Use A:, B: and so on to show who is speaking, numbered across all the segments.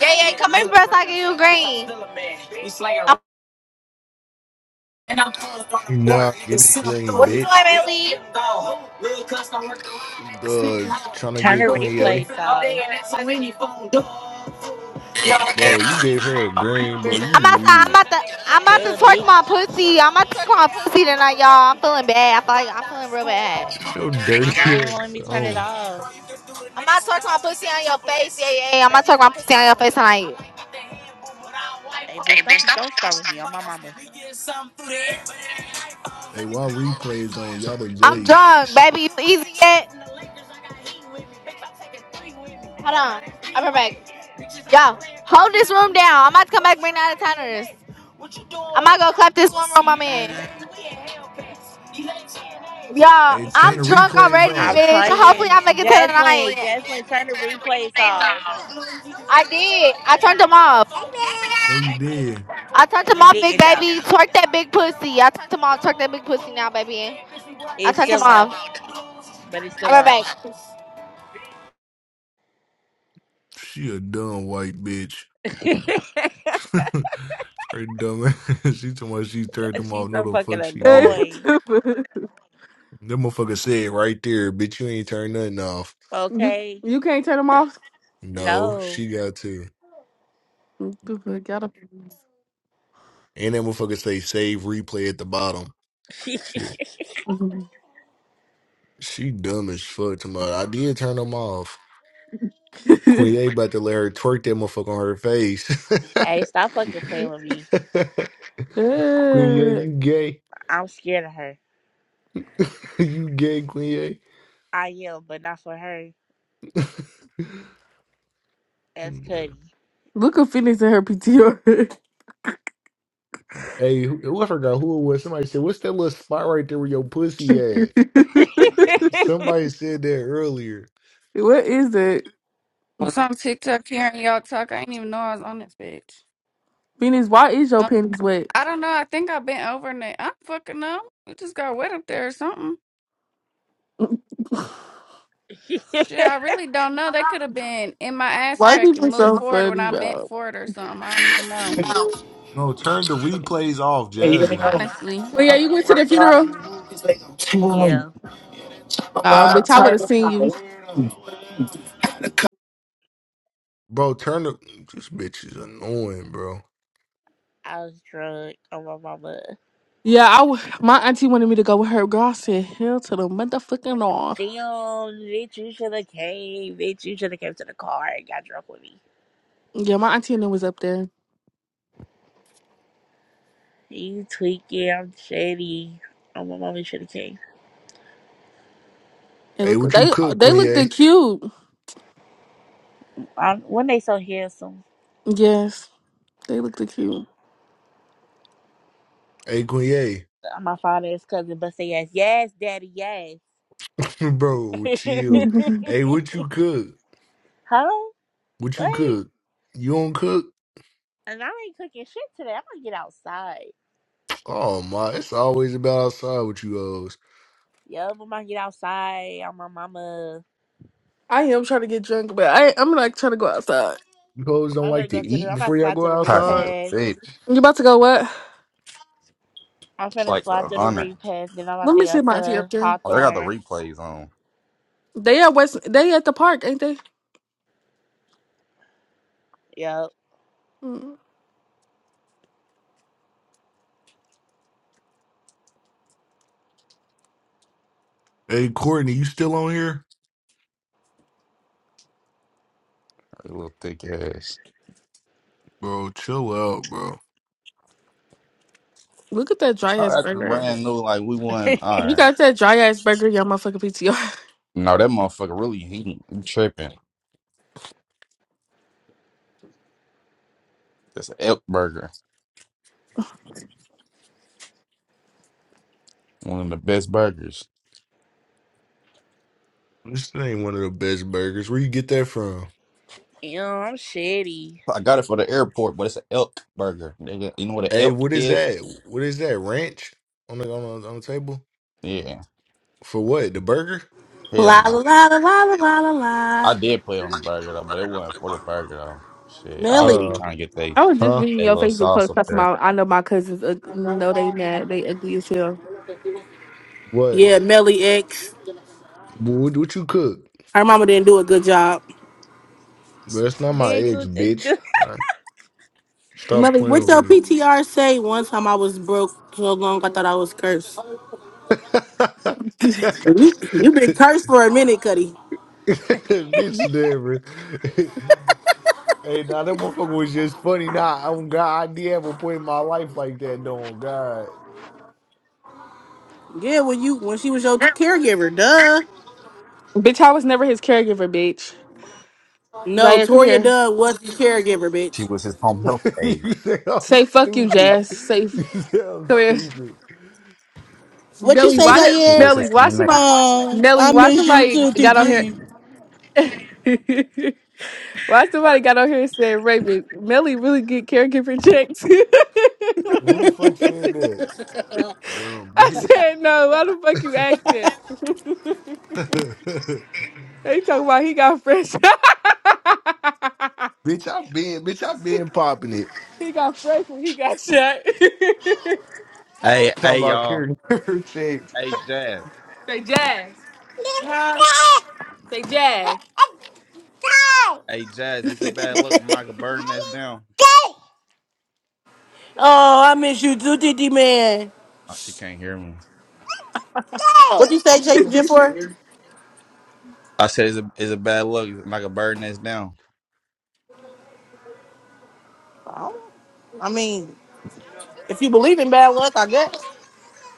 A: Yeah, yeah, come in first. I give you green. I'm And I'm calling from the border,
B: Nah,
A: nigga.
B: give me
A: Send them through.
B: green,
A: What you doing,
B: bitch.
A: Bailey? Real custom work around at the city
B: The
A: hall.
B: trying to
A: I'm
C: Turn the
B: get
A: doing
B: Queen A,
C: replays
A: forty-five a day,
C: off.
A: and that's on any phone door.
B: bro. You gave her a green, bro. You
A: I'm outside. I'm
B: weird.
A: about to. I'm about to
C: Duh, bitch.
A: twerk my pussy. I'm about to twerk my pussy tonight, y'all. I'm feeling bad. I feel like I'm feeling real bad.
B: It's your dirty
C: Why won't won't let
B: ass.
C: me turn it
B: Oh,
C: off?
A: I'm about to twerk my pussy on your face. Yeah, yeah. yeah. I'm about to twerk my pussy on your face tonight.
C: Hey, bitch, don't don't start with me. I'm my mama.
B: hey, why replays on? Y'all the
A: I'm
B: Jakes.
A: drunk, baby. You easy yet? Hold on. I'll be right back. Yo, hold this room down. I'm about to come back bring the out of towners. I'm about to go clap this one room I'm in.
C: Mm-mm.
A: Yo,
B: Hey, turn
A: I'm
B: the
A: drunk
B: replays
A: already,
C: I'm
B: off.
A: bitch. Hopefully
C: trying.
A: I make it to the
C: Jasmine,
A: night.
C: Jasmine, turn the replays off.
A: I did. I turned them off.
B: No, you did.
A: I turned them
C: You
A: off, big
C: didn't, though.
A: baby. Twerk that big pussy. I turned them off. Twerk that big pussy now, baby. I
C: It's
A: turned them
C: still on,
A: off.
C: though. But it's still
A: I'll be right
C: on.
A: back.
B: She a dumb white bitch.
C: She's
B: her dumb ass. She told me she turned them off. No,
C: so
B: the
C: fucking
B: fuck she
D: Hey,
B: did.
C: annoying.
D: stupid.
B: That motherfucker said right there, bitch. You ain't turned nothing off.
D: You
C: Okay?
D: you can't turn them off.
B: No,
C: No.
B: she got to.
D: Stupid. Got up.
B: And that motherfucker say save replay at the bottom.
C: hey,
B: She she dumb as fuck tomorrow. I did turn them off. Queen A about to let her twerk that motherfucker on her face.
C: stop fucking playing with me.
B: Queen A,
D: Eh,
B: you gay.
C: I'm scared of her.
B: you gay, Queen
C: I am, but not for her.
B: A.
C: That's Cuddy.
D: Look at Phoenix in her PTR.
B: hey, who, who- I forgot who it was. Somebody said, What's that little spot right there where your pussy at? Somebody said that earlier.
D: what is it,
E: was on TikTok hearing y'all talk. I didn't even know I was on this bitch.
D: Phoenix? Why is your
E: Um,
D: panties wet?
E: I don't know. I think I bent over and it- I fucking know. It just got wet up there or something. Shit, I really don't know. They could have been in my ass
D: Why
E: crack and
D: people
E: moved
D: so
E: forward when
D: funny,
E: I bent
D: bro?
E: forward or something. I don't even know.
B: No, turn the replays off, Jasmine.
E: Honestly.
D: Well, yeah, you went to the funeral.
C: Yeah,
D: Oh, bitch, I would have seen you.
B: Bro, turn the this bitch is annoying, bro.
C: I was drunk on my mama.
D: Yeah, I w- my auntie wanted me to go with her. Girl, I said hell to the motherfucking law.
C: Damn, bitch, you should have came. Bitch, you should have came to the car and got drunk with me.
D: Yeah, my auntie and them was up there.
C: You tweaking, I'm shady. Oh, my mama should have came.
D: And
B: Hey,
D: look,
B: what you
D: they
B: cook,
D: they
B: Queen
D: looked
B: A?
D: cute.
C: Um, when they so handsome,
D: Yes, they looked cute.
B: Hey, Queen A.
C: my father's cousin, but say yes, yes, daddy, yes.
B: Bro, chill.
D: I
B: Hey, what you cook?
C: Hello?
B: What you
C: Wait.
B: cook? You don't cook?
C: And I ain't cooking shit today. I'm gonna get outside.
B: Oh my, it's always about outside with you hoes.
C: Yup, I'm gonna get outside. I'm my mama.
D: am trying to get drunk, but I I'm like trying to go outside.
B: You hoes don't
C: I'm gonna
B: like to
C: go to the,
B: eat
C: I'm
B: before y'all
C: outside to
B: go
C: the
F: Hot in
B: outside?
F: the
C: repast.
F: bitch.
D: You about to go what?
C: I'm
F: It's
C: finna
F: like
C: slide
F: a
C: through the
F: hundred.
C: reed then I'm about
D: Let
C: to
D: me
C: go
D: see my tea up
C: to
D: there.
F: Like, I got the
C: Hawthorne.
F: replays on.
D: They at West. They at the park, ain't they?
C: Yup.
D: Mm.
B: Hey, Courtney, you still on here?
F: That little thick ass.
B: Bro, chill out, bro.
D: Look at that dry
F: How
D: ass
F: that's
D: burger.
F: brand new. Like we won. All
D: You
F: right.
D: got that dry ass burger in your motherfucking PTR.
F: No, that motherfucker really heating. You tripping? That's an elk burger. One of the best burgers.
B: This ain't one of the best burgers. Where you get that from?
C: Yo, I'm shitty.
F: I got it for the airport, but it's an elk burger. Nigga, you know what an
B: Hey,
F: elk
B: what is
F: is?
B: that? What is that? Ranch on the on the, on the table
F: Yeah.
B: for what? The burger?
F: Hell
G: La
F: no.
G: la la la la la la la. la.
F: I did play on the burger though, but it wasn't for the burger though. Shit, I was
G: Melly.
F: really
B: Uh,
F: trying to get they
D: was just
B: huh?
D: reading
F: they
D: your
F: little
D: Facebook
F: sauce
D: post
F: up
D: talking
F: there.
D: about I know my cousins. Ug- no, they not. They ugly as hell.
B: What?
G: Yeah, Melly X.
B: What, what you cook?
G: Her mama didn't do a good job.
B: Bro, that's not my
C: Then go
B: eggs,
C: to
B: bitch.
C: do-
B: All right, stop
G: Melly, what
B: playing with
G: your
B: me.
G: PTR say? One time I was broke so long I thought I was cursed. You, you been cursed for a minute, Cuddy.
B: Bitch, never. hey, now that motherfucker was just funny. Nah, oh God, I did have a point in my life like that. No, God.
G: Yeah, when you when she was your t- caregiver, duh.
D: bitch, I was never his caregiver, bitch.
G: No,
D: Zaire, come
G: Toria
D: here.
G: Dunn was the caregiver,
F: She
G: bitch.
F: was his home health aide.
B: you say I'm
D: Say fuck you,
B: stupid.
D: Jazz. Say f-
B: You say I'm
D: come here,
B: stupid.
G: What you
D: Melly.
F: She
G: say,
D: Why
F: was
D: did
F: she
G: Zaire?
F: was
D: Melly?
F: his
D: Why
F: CNA.
D: somebody?
G: Oh,
D: Melly,
G: I
D: why
G: miss you
D: somebody
G: too,
D: got on here?
G: TT.
D: Why somebody got on here and said, Raven, Melly really get caregiver checks?
B: Who the fuck said that? Dumb
D: I
B: bitch.
D: said, no, why the fuck you ask that? they talking about he got fresh.
B: bitch, I've been, bitch, I've
D: he
B: been popping it.
D: he got fresh when he got shot.
F: Hey,
B: Talking
F: hey,
B: about
F: y'all.
B: carrying checks.
F: Hey Jazz.
D: Say jazz.
G: Oh,
D: Say jazz.
F: Hey Jazz, is it bad luck like a bird nest down?
G: I miss you too, TT man.
F: Oh, she can't hear me.
G: What you say,
F: Bitch,
G: J-
F: don't
G: Jen?
F: nobody
G: For
F: care. I said, is it, is it bad luck like a bird nest down?
G: I mean. If you believe in bad luck, I guess.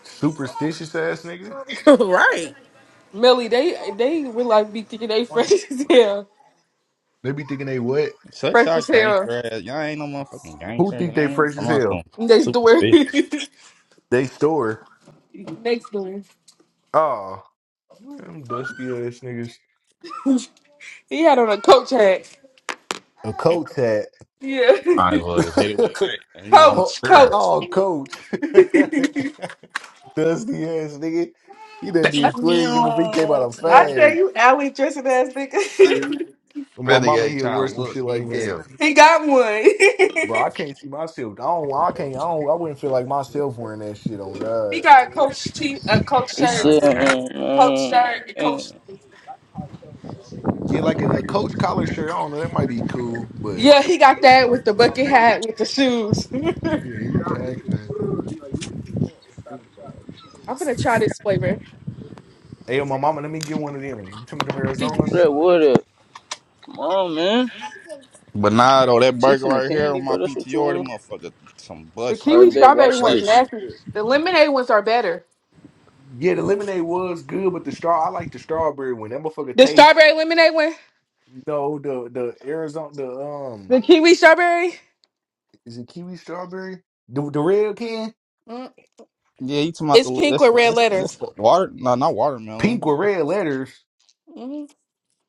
B: Superstitious ass nigga.
G: right.
D: Melly, they they real like be thinking they fresh as hell.
B: They be thinking they what?
F: Such
D: Fresh
F: a
D: as hell.
F: gangster ass. Y'all ain't no motherfucking
B: Who
F: gangsters. you
B: think they
F: Ain't
B: fresh
F: I'm
B: as
F: not some
B: hell?
F: motherfucking
D: Next door.
F: superstitious.
B: They store.
D: Next door.
B: Oh, them dusty ass niggas.
D: He had on a coach hat.
B: A coach hat.
D: Yeah.
F: Might as well just hit it with a bat. And He was almost
B: oh,
D: Coach,
F: there.
D: coach.
B: oh, coach. dusty ass nigga. He done
F: Damn.
D: I,
B: did twerks and when he came out a
D: I tell
B: fag.
D: you, alley dressing ass nigga.
B: And my
F: That
B: mama
F: nigga ain't
B: here wear
F: trying to
B: some
F: look.
B: shit
F: He
B: like that.
F: hell.
D: he got
B: Bro,
D: one.
B: I can't see myself. I don't. I can't. I don't. I wouldn't feel like myself wearing that shit on
D: he
B: God.
D: got a coach t a coach
H: He
F: Ain't
D: shirt,
H: said,
F: nothing there.
H: ain't,
D: coach
H: man.
D: shirt, and
H: ain't-
D: coach shoes.
B: Yeah, like a, a coach collar shirt. I don't know. That might be cool, but
D: Yeah, he got that with the bucket hat with the shoes. I'm
B: yeah, he taxed it.
D: gonna try this flavor.
B: Hey, yo, my mama, let me get one of them. You talking about them
D: The,
B: Arizonas?
H: That wood up. Come on, man.
F: But nah, though, that
H: She
F: burger
H: finna
F: right here
H: candy,
F: on my
H: bro. That's what you
F: PTR, that
H: want.
F: motherfucker, some
D: the
F: busting. That
H: Alright,
D: kiwi
H: bet.
F: motherfucker
D: strawberry
H: Watch
D: one's
H: this.
F: busting.
D: nasty. The lemonade ones are better.
B: Yeah, the lemonade was good, but the straw I like the strawberry one. That motherfucker
D: The
B: tastes
D: strawberry lemonade one,
B: you know the the Arizona the um
D: the kiwi strawberry,
B: is it kiwi strawberry? The the red can?
D: mm,
F: Yeah, you talking about
D: it's
F: the
D: pink
F: that's
D: with red
F: that's that's
D: letters.
F: the water? No, not
B: Pink
F: watermelon.
B: with red letters.
D: Mm.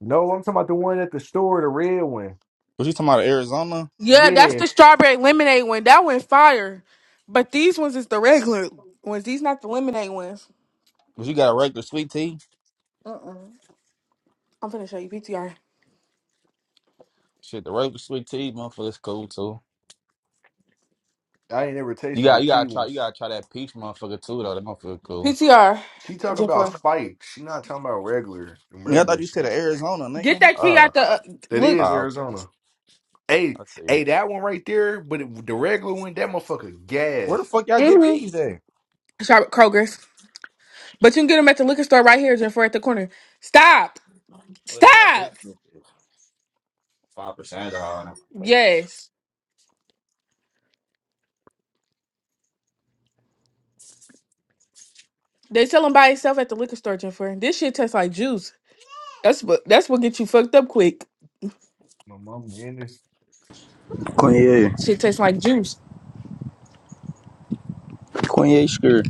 B: No, I'm talking about the one at the store, the red one.
F: Was you talking about Arizona?
D: Yeah, that's
B: Yeah.
D: the strawberry lemonade one. That went fire. But these ones is the regular ones. These not the lemonade ones.
F: Cause you got a regular sweet tea.
D: Mm-mm. I'm finna show you PTR.
F: Shit, the regular sweet tea, motherfucker's cool too.
B: I ain't never
F: You
B: tasted
F: got
B: the
F: you
B: tea
F: gotta try you
B: ones.
F: gotta try that peach motherfucker too though. That motherfucker cool.
D: PTR.
B: She talking about
D: Jennifer.
B: spiked. She not talking about regular them
F: Yeah, I thought
B: regular
F: you said
B: shit.
F: Arizona,
D: Get
F: nigga.
D: that key
F: Ah,
D: at the uh,
B: That
D: look.
B: is
F: ah, okay.
B: Arizona. Hey,
F: I see
B: hey,
F: it.
B: that one right there, but it, the regular one, that motherfucker
F: Where
B: gas.
F: the fuck y'all get these
D: Mm-hmm.
F: at?
D: Shop at Kroger's. But you can get them at the liquor store right here, Jennifer, at the corner. Stop.
F: Well, they got
D: Stop.
F: these five percent off.
D: Yes. They sell them by itself at the liquor store, Jennifer. This shit tastes like juice. That's what that's what gets you fucked up quick.
B: My mama in this.
H: Kanye.
D: Shit tastes like juice.
H: Kanye skirt.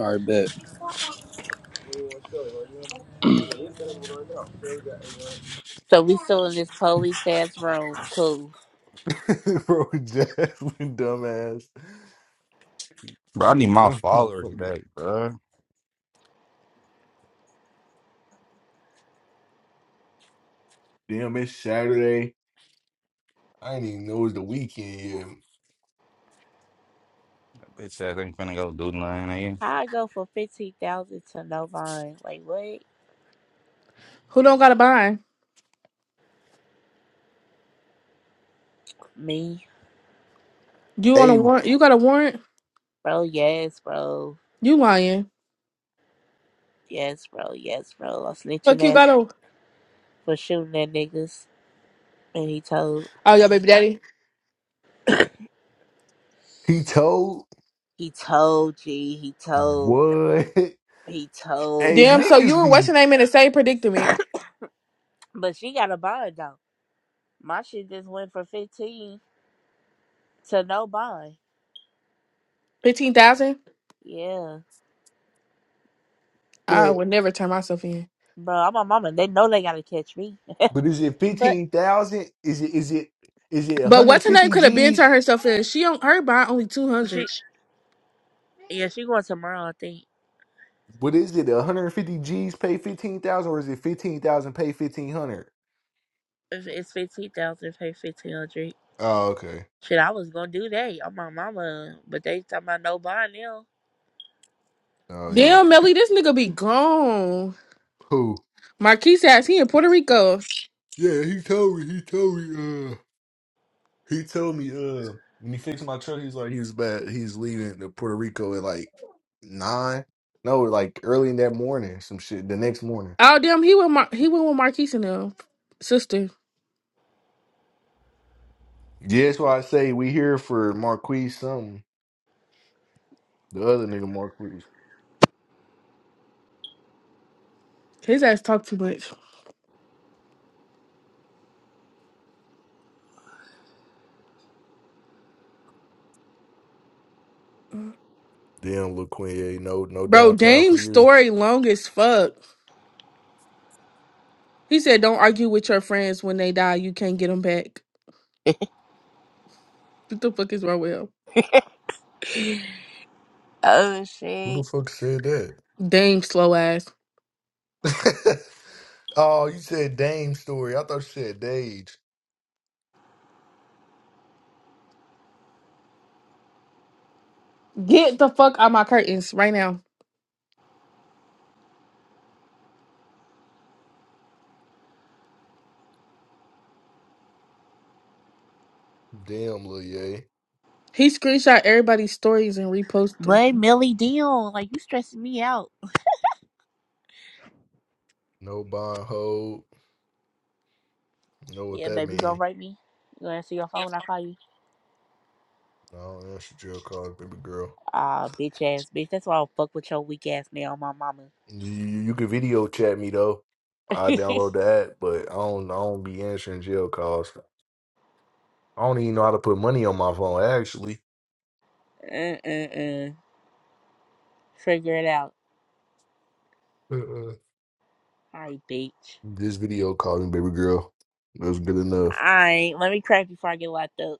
H: Alright, bet.
C: So we still in this police ass room. Cool.
B: Bro, Jasmine, dumbass.
F: Bro, I
B: You
F: need
B: a
F: my
B: dumb
F: followers
B: motherfucker.
F: back, bro. That
B: Damn, it's Saturday. I didn't even know it was the weekend yet.
F: bitch ass ain't finna go do nothing.
C: How I go for fifteen thousand to no bond? Like what?
D: Who don't got a bind?
C: Me,
D: You on a
B: Hey,
D: warrant? You got a warrant?
C: bro? Yes, bro.
D: You lying.
C: Yes, bro. Yes, bro. I'm snitching
D: Fuck you
C: ass
D: got on.
C: for shooting at niggas, and he told.
D: Oh, your baby daddy.
B: he told
C: He told G. He told.
B: what?
C: He told
B: Hey,
D: Damn,
C: y'all.
D: so you
B: niggas
D: and what's
B: be
D: her name in the same predicament?
C: But she got a bond though. My shit just went for fifteen. to no bond.
D: 15,000?
C: Yeah,
D: I
B: but
D: would never turn myself in.
C: bro, I'm a mama. They know they gotta catch me.
B: but is it
C: But
B: fifteen thousand? Is it is it is it one
D: But
B: hundred
D: what's her name
B: fifty
D: could have been
B: G's?
D: turned herself in. She on her by only
C: she,
D: 200.
C: yeah, she going tomorrow. I think
B: But is it one hundred fifty G's pay fifteen thousand, or is it fifteen thousand pay fifteen hundred?
C: if it's fifteen thousand, pay fifteen hundred.
B: Oh, okay.
C: Shit, I was gonna do that on my mama, but they talking about no bond now.
B: Oh yeah.
D: Damn, Melly, this nigga be gone.
B: Who?
D: Marquise ass, he in Puerto Rico.
B: Yeah, he told me. He told me. He told me uh when he fixed my truck, he's like he's bad. He's leaving to Puerto Rico at like nine. No, like early in that morning, some shit. The next morning.
D: Oh, damn, he went, Mar- he went with Marquise and them. Sister,
B: Yeah, that's why I say we here for Marquise. something. The other nigga Marquise.
D: his ass talk too much.
B: Damn, LaQuinn, no, no
D: Bro,
B: downtown for
D: Dame's
B: you.
D: story long as fuck. He said, don't argue with your friends when they die. You can't get them back. What the fuck is wrong with him?
C: oh
B: Who the
C: shit!
B: fuck said that?
D: Dame slow ass.
B: oh, you said Dame story. I thought you said Dage.
D: Get the fuck out my curtains right now.
B: Damn, Lil Ye.
D: He screenshot everybody's stories and repost them.
C: But Millie Deal, like you stressing me out.
B: No bond hold. Know what
C: Yeah,
B: that
C: baby, you gonna
B: mean?
C: write me. You gonna answer your phone when I call you?
B: No, answer jail calls, baby girl.
C: Ah, bitch ass bitch. That's why I'll fuck with your weak ass now, on my mama.
B: You, you can video chat me though. I download the app, but I don't. I don't be answering jail calls. I don't even know how to put money on my phone. Actually,
C: uh uh uh. Figure it out.
B: Mm-mm.
C: All right, bitch.
B: this video called me baby girl. That's good enough.
C: I let me crack before I get locked up.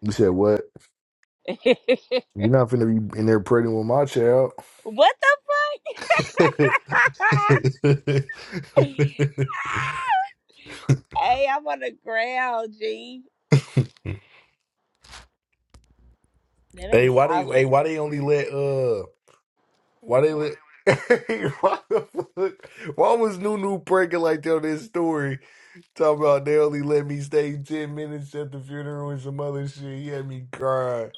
B: You said what? You're not finna be in there pregnant with my child.
C: what the fuck? hey, I'm on the ground, G. That
B: hey,
C: ain't
B: why they? Hey,
C: solid.
B: why they only let? Uh, why they let? Hey, why the fuck? Why was Nunu pregnant like that on this story? Talking about they only let me stay 10 minutes at the funeral and some other shit. He had me crying.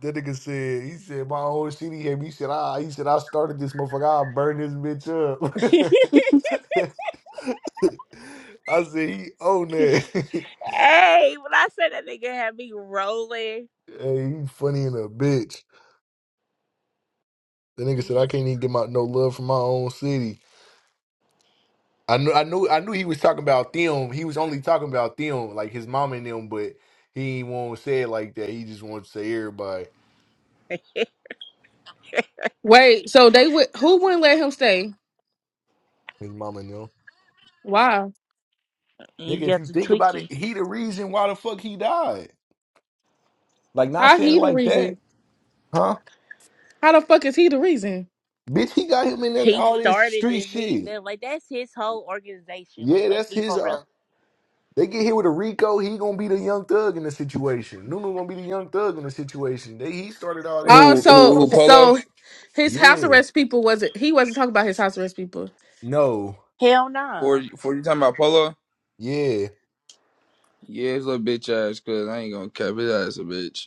B: That nigga said, he said, my whole city had me. He said, ah, he said, I started this motherfucker. I'll burn this
C: hey,
B: bitch up. I said, he own that.
C: when I said that nigga had me rolling,
B: hey, he funny in a bitch. The nigga said,
C: he's
B: I can't even get my no love from my own city. I knew, I knew, I knew he was talking about them. He was only talking about them, like his mom and them, but he ain't want to say it like that. He just wanted to say everybody.
D: Wait, so they would who wouldn't let him stay?
B: His mama knew.
D: Why?
C: he
B: Nigga, if
C: got
B: you
C: to
B: think about
C: tweaking.
B: it, he the reason why the fuck he died. Like, not
D: How
B: saying
D: he
B: it
D: the
B: like that,
D: reason?
B: huh?
D: How the fuck is he the reason?
B: Bitch, he got him in that-
C: He
B: all this
C: started
B: street
C: this. He
B: shit.
C: did like that's his whole organization. Like,
B: Yeah,
C: let's
B: that's
C: be
B: his.
C: for
B: Uh,
C: real.
B: they get hit with a Rico, he gonna be the young thug in the situation. Nunu gonna be the young thug in the situation. They he started all this
D: Oh,
B: shit.
I: Who who
D: so
I: who Polo?
D: so his house
B: Yeah.
D: arrest people wasn't he wasn't talking about his house arrest people.
B: No.
C: Hell
I: For
C: no,
I: for you talking about Polo?
B: Yeah.
I: Yeah, his little bitch ass. Cause I ain't gonna cap his ass a bitch.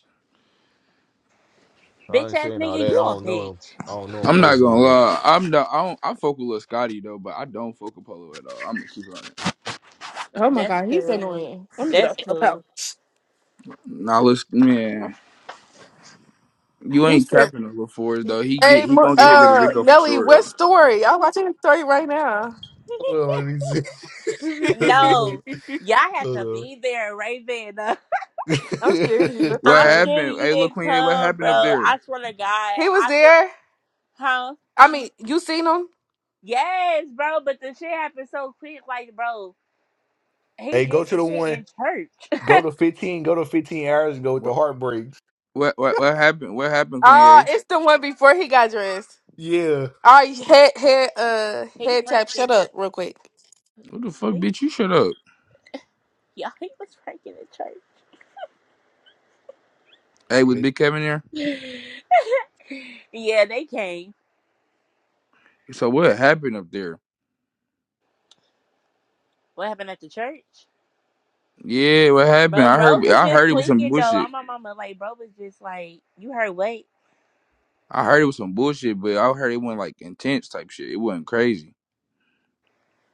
B: I
C: bitch
B: ain't
C: ass
B: saying all
C: nigga,
B: that. I
C: you a
B: don't
C: bitch.
B: know him. I don't know him
I: I'm not
B: personally,
I: gonna
B: but
I: lie. I'm not. I don't. I fuck with Lil Scotty though, but I don't fuck with Polo at all. I'm gonna keep it on it.
D: Oh my
C: That's
D: god, he's
C: cool.
D: annoying. Let me get
C: That's
D: up. up
C: cool.
D: out.
I: Nah, let man. You
D: He
I: ain't
D: said,
I: capping on Lil Forrest though. He get
D: "Hey,
I: he
D: Mo-
I: gonna get hit rid of
D: uh,
I: Rico for
D: Nelly,
I: sure
D: what
I: though.
D: story? I'm watching the story right now.
B: hold on, let me see. Look,
C: No, y'all had to
B: hold on.
C: be there right then.
D: I'm scared of you. What the
I: What
C: I'm
D: fuck?
C: sure
I: happened?
C: you
I: Hey, look,
C: didn't
I: Queen A, what
C: come,
I: happened
C: bro.
I: up there?
C: I swear to God,
D: He was
C: I swear,
D: there.
C: huh?
D: I mean, you seen him?
C: Yes, bro. But the shit happened so quick, like, bro. He
B: hey, go
C: did
B: to
C: the
B: the
C: shit
B: one.
C: in church.
B: Go to 15, go to 15 hours and go with
I: What
B: the heartbreaks.
I: what what, what happened? What happened, Queen
D: Oh,
I: A?
D: it's the one before he got dressed.
B: Yeah.
D: All right, head head uh
C: he
D: head tap.
C: pranked this
D: Shut up, real quick.
I: What the fuck,
C: bitch.
I: bitch? You shut up.
C: Yeah, he was pranking in
I: Hey, was
B: Like,
I: Big Kevin there?
C: church. yeah, they came.
I: So what happened up there?
C: What happened at the church?
I: Yeah, what happened?
C: Bro,
I: I
C: bro
I: heard
C: was
I: I
C: just
I: heard it was some
C: tweaking though.
I: bullshit.
C: I'm my mama like, bro was just like, you heard wait.
I: I heard it was some bullshit, but I heard it wasn't like intense type shit. It wasn't crazy.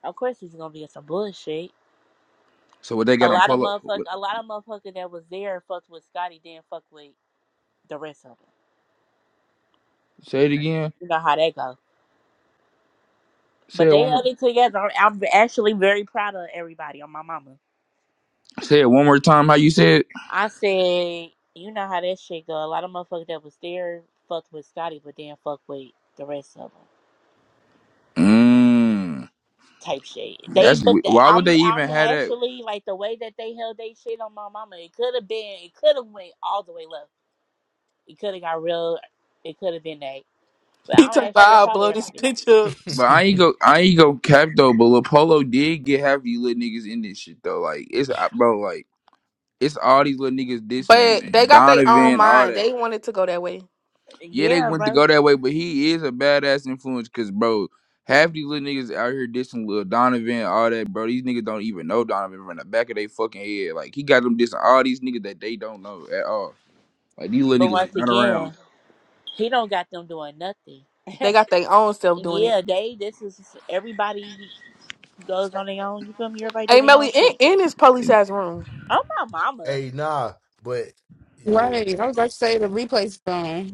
C: Of course he's gonna be in some bullshit.
I: So what they
C: A
I: got on
C: lot of
I: pull up?
C: motherfuckers,
I: What,
C: a lot of motherfucker that was there and fucked with Scotty didn't fuck with the rest of them.
I: say it again.
C: You know how that go.
I: Say
C: But
I: it
C: they
I: one
C: held
I: more.
C: it together. I'm, I'm actually very proud of everybody on my mama.
I: Say it one more time. How you said?
C: I said, you know how that shit go. A lot of motherfuckers that was there fucked with Scotty, but didn't fuck with the rest of them.
I: Mmm.
C: Type shit. They,
I: That's
C: but
I: we-
C: the,
I: why would
C: I'm,
I: they even
C: I'm
I: have that?
C: actually like the way that they held they shit on my mama. It could have been, it could have went all the way left. It could have got real. It could have been that. But
D: He
C: I'm
D: took about
C: actually
D: I'll
C: proud of
D: blow this
C: everybody.
D: bitch up.
I: But I ain't go. I ain't go cap though. But Lil Polo did get half of you little niggas in this shit though. Like it's uh, bro. Like it's all these little niggas
D: But they
I: dissing
D: got their own
I: Donovan. All
D: mind.
I: that.
D: They wanted to go that way.
I: Yeah, they
C: Yeah,
I: went to
C: bro.
I: go that way, but he is a badass influence because, bro, half these little niggas out here dissing Lil Donovan, all that, bro. These niggas don't even know Donovan from the back of their fucking head. Like, he got them dissing all these niggas that they don't know at all. Like, these little
C: But
I: niggas was
C: once
I: not around.
C: again, he don't got them doing nothing.
D: They got their own self doing it.
C: Yeah, they. This is everybody goes on their own. You feel me? Everybody do
D: Hey,
C: their own
D: Melly, in,
C: shit.
D: in this police ass room.
C: I'm my mama.
B: hey, nah. But yeah.
J: Right. I was about to say the replay's gone.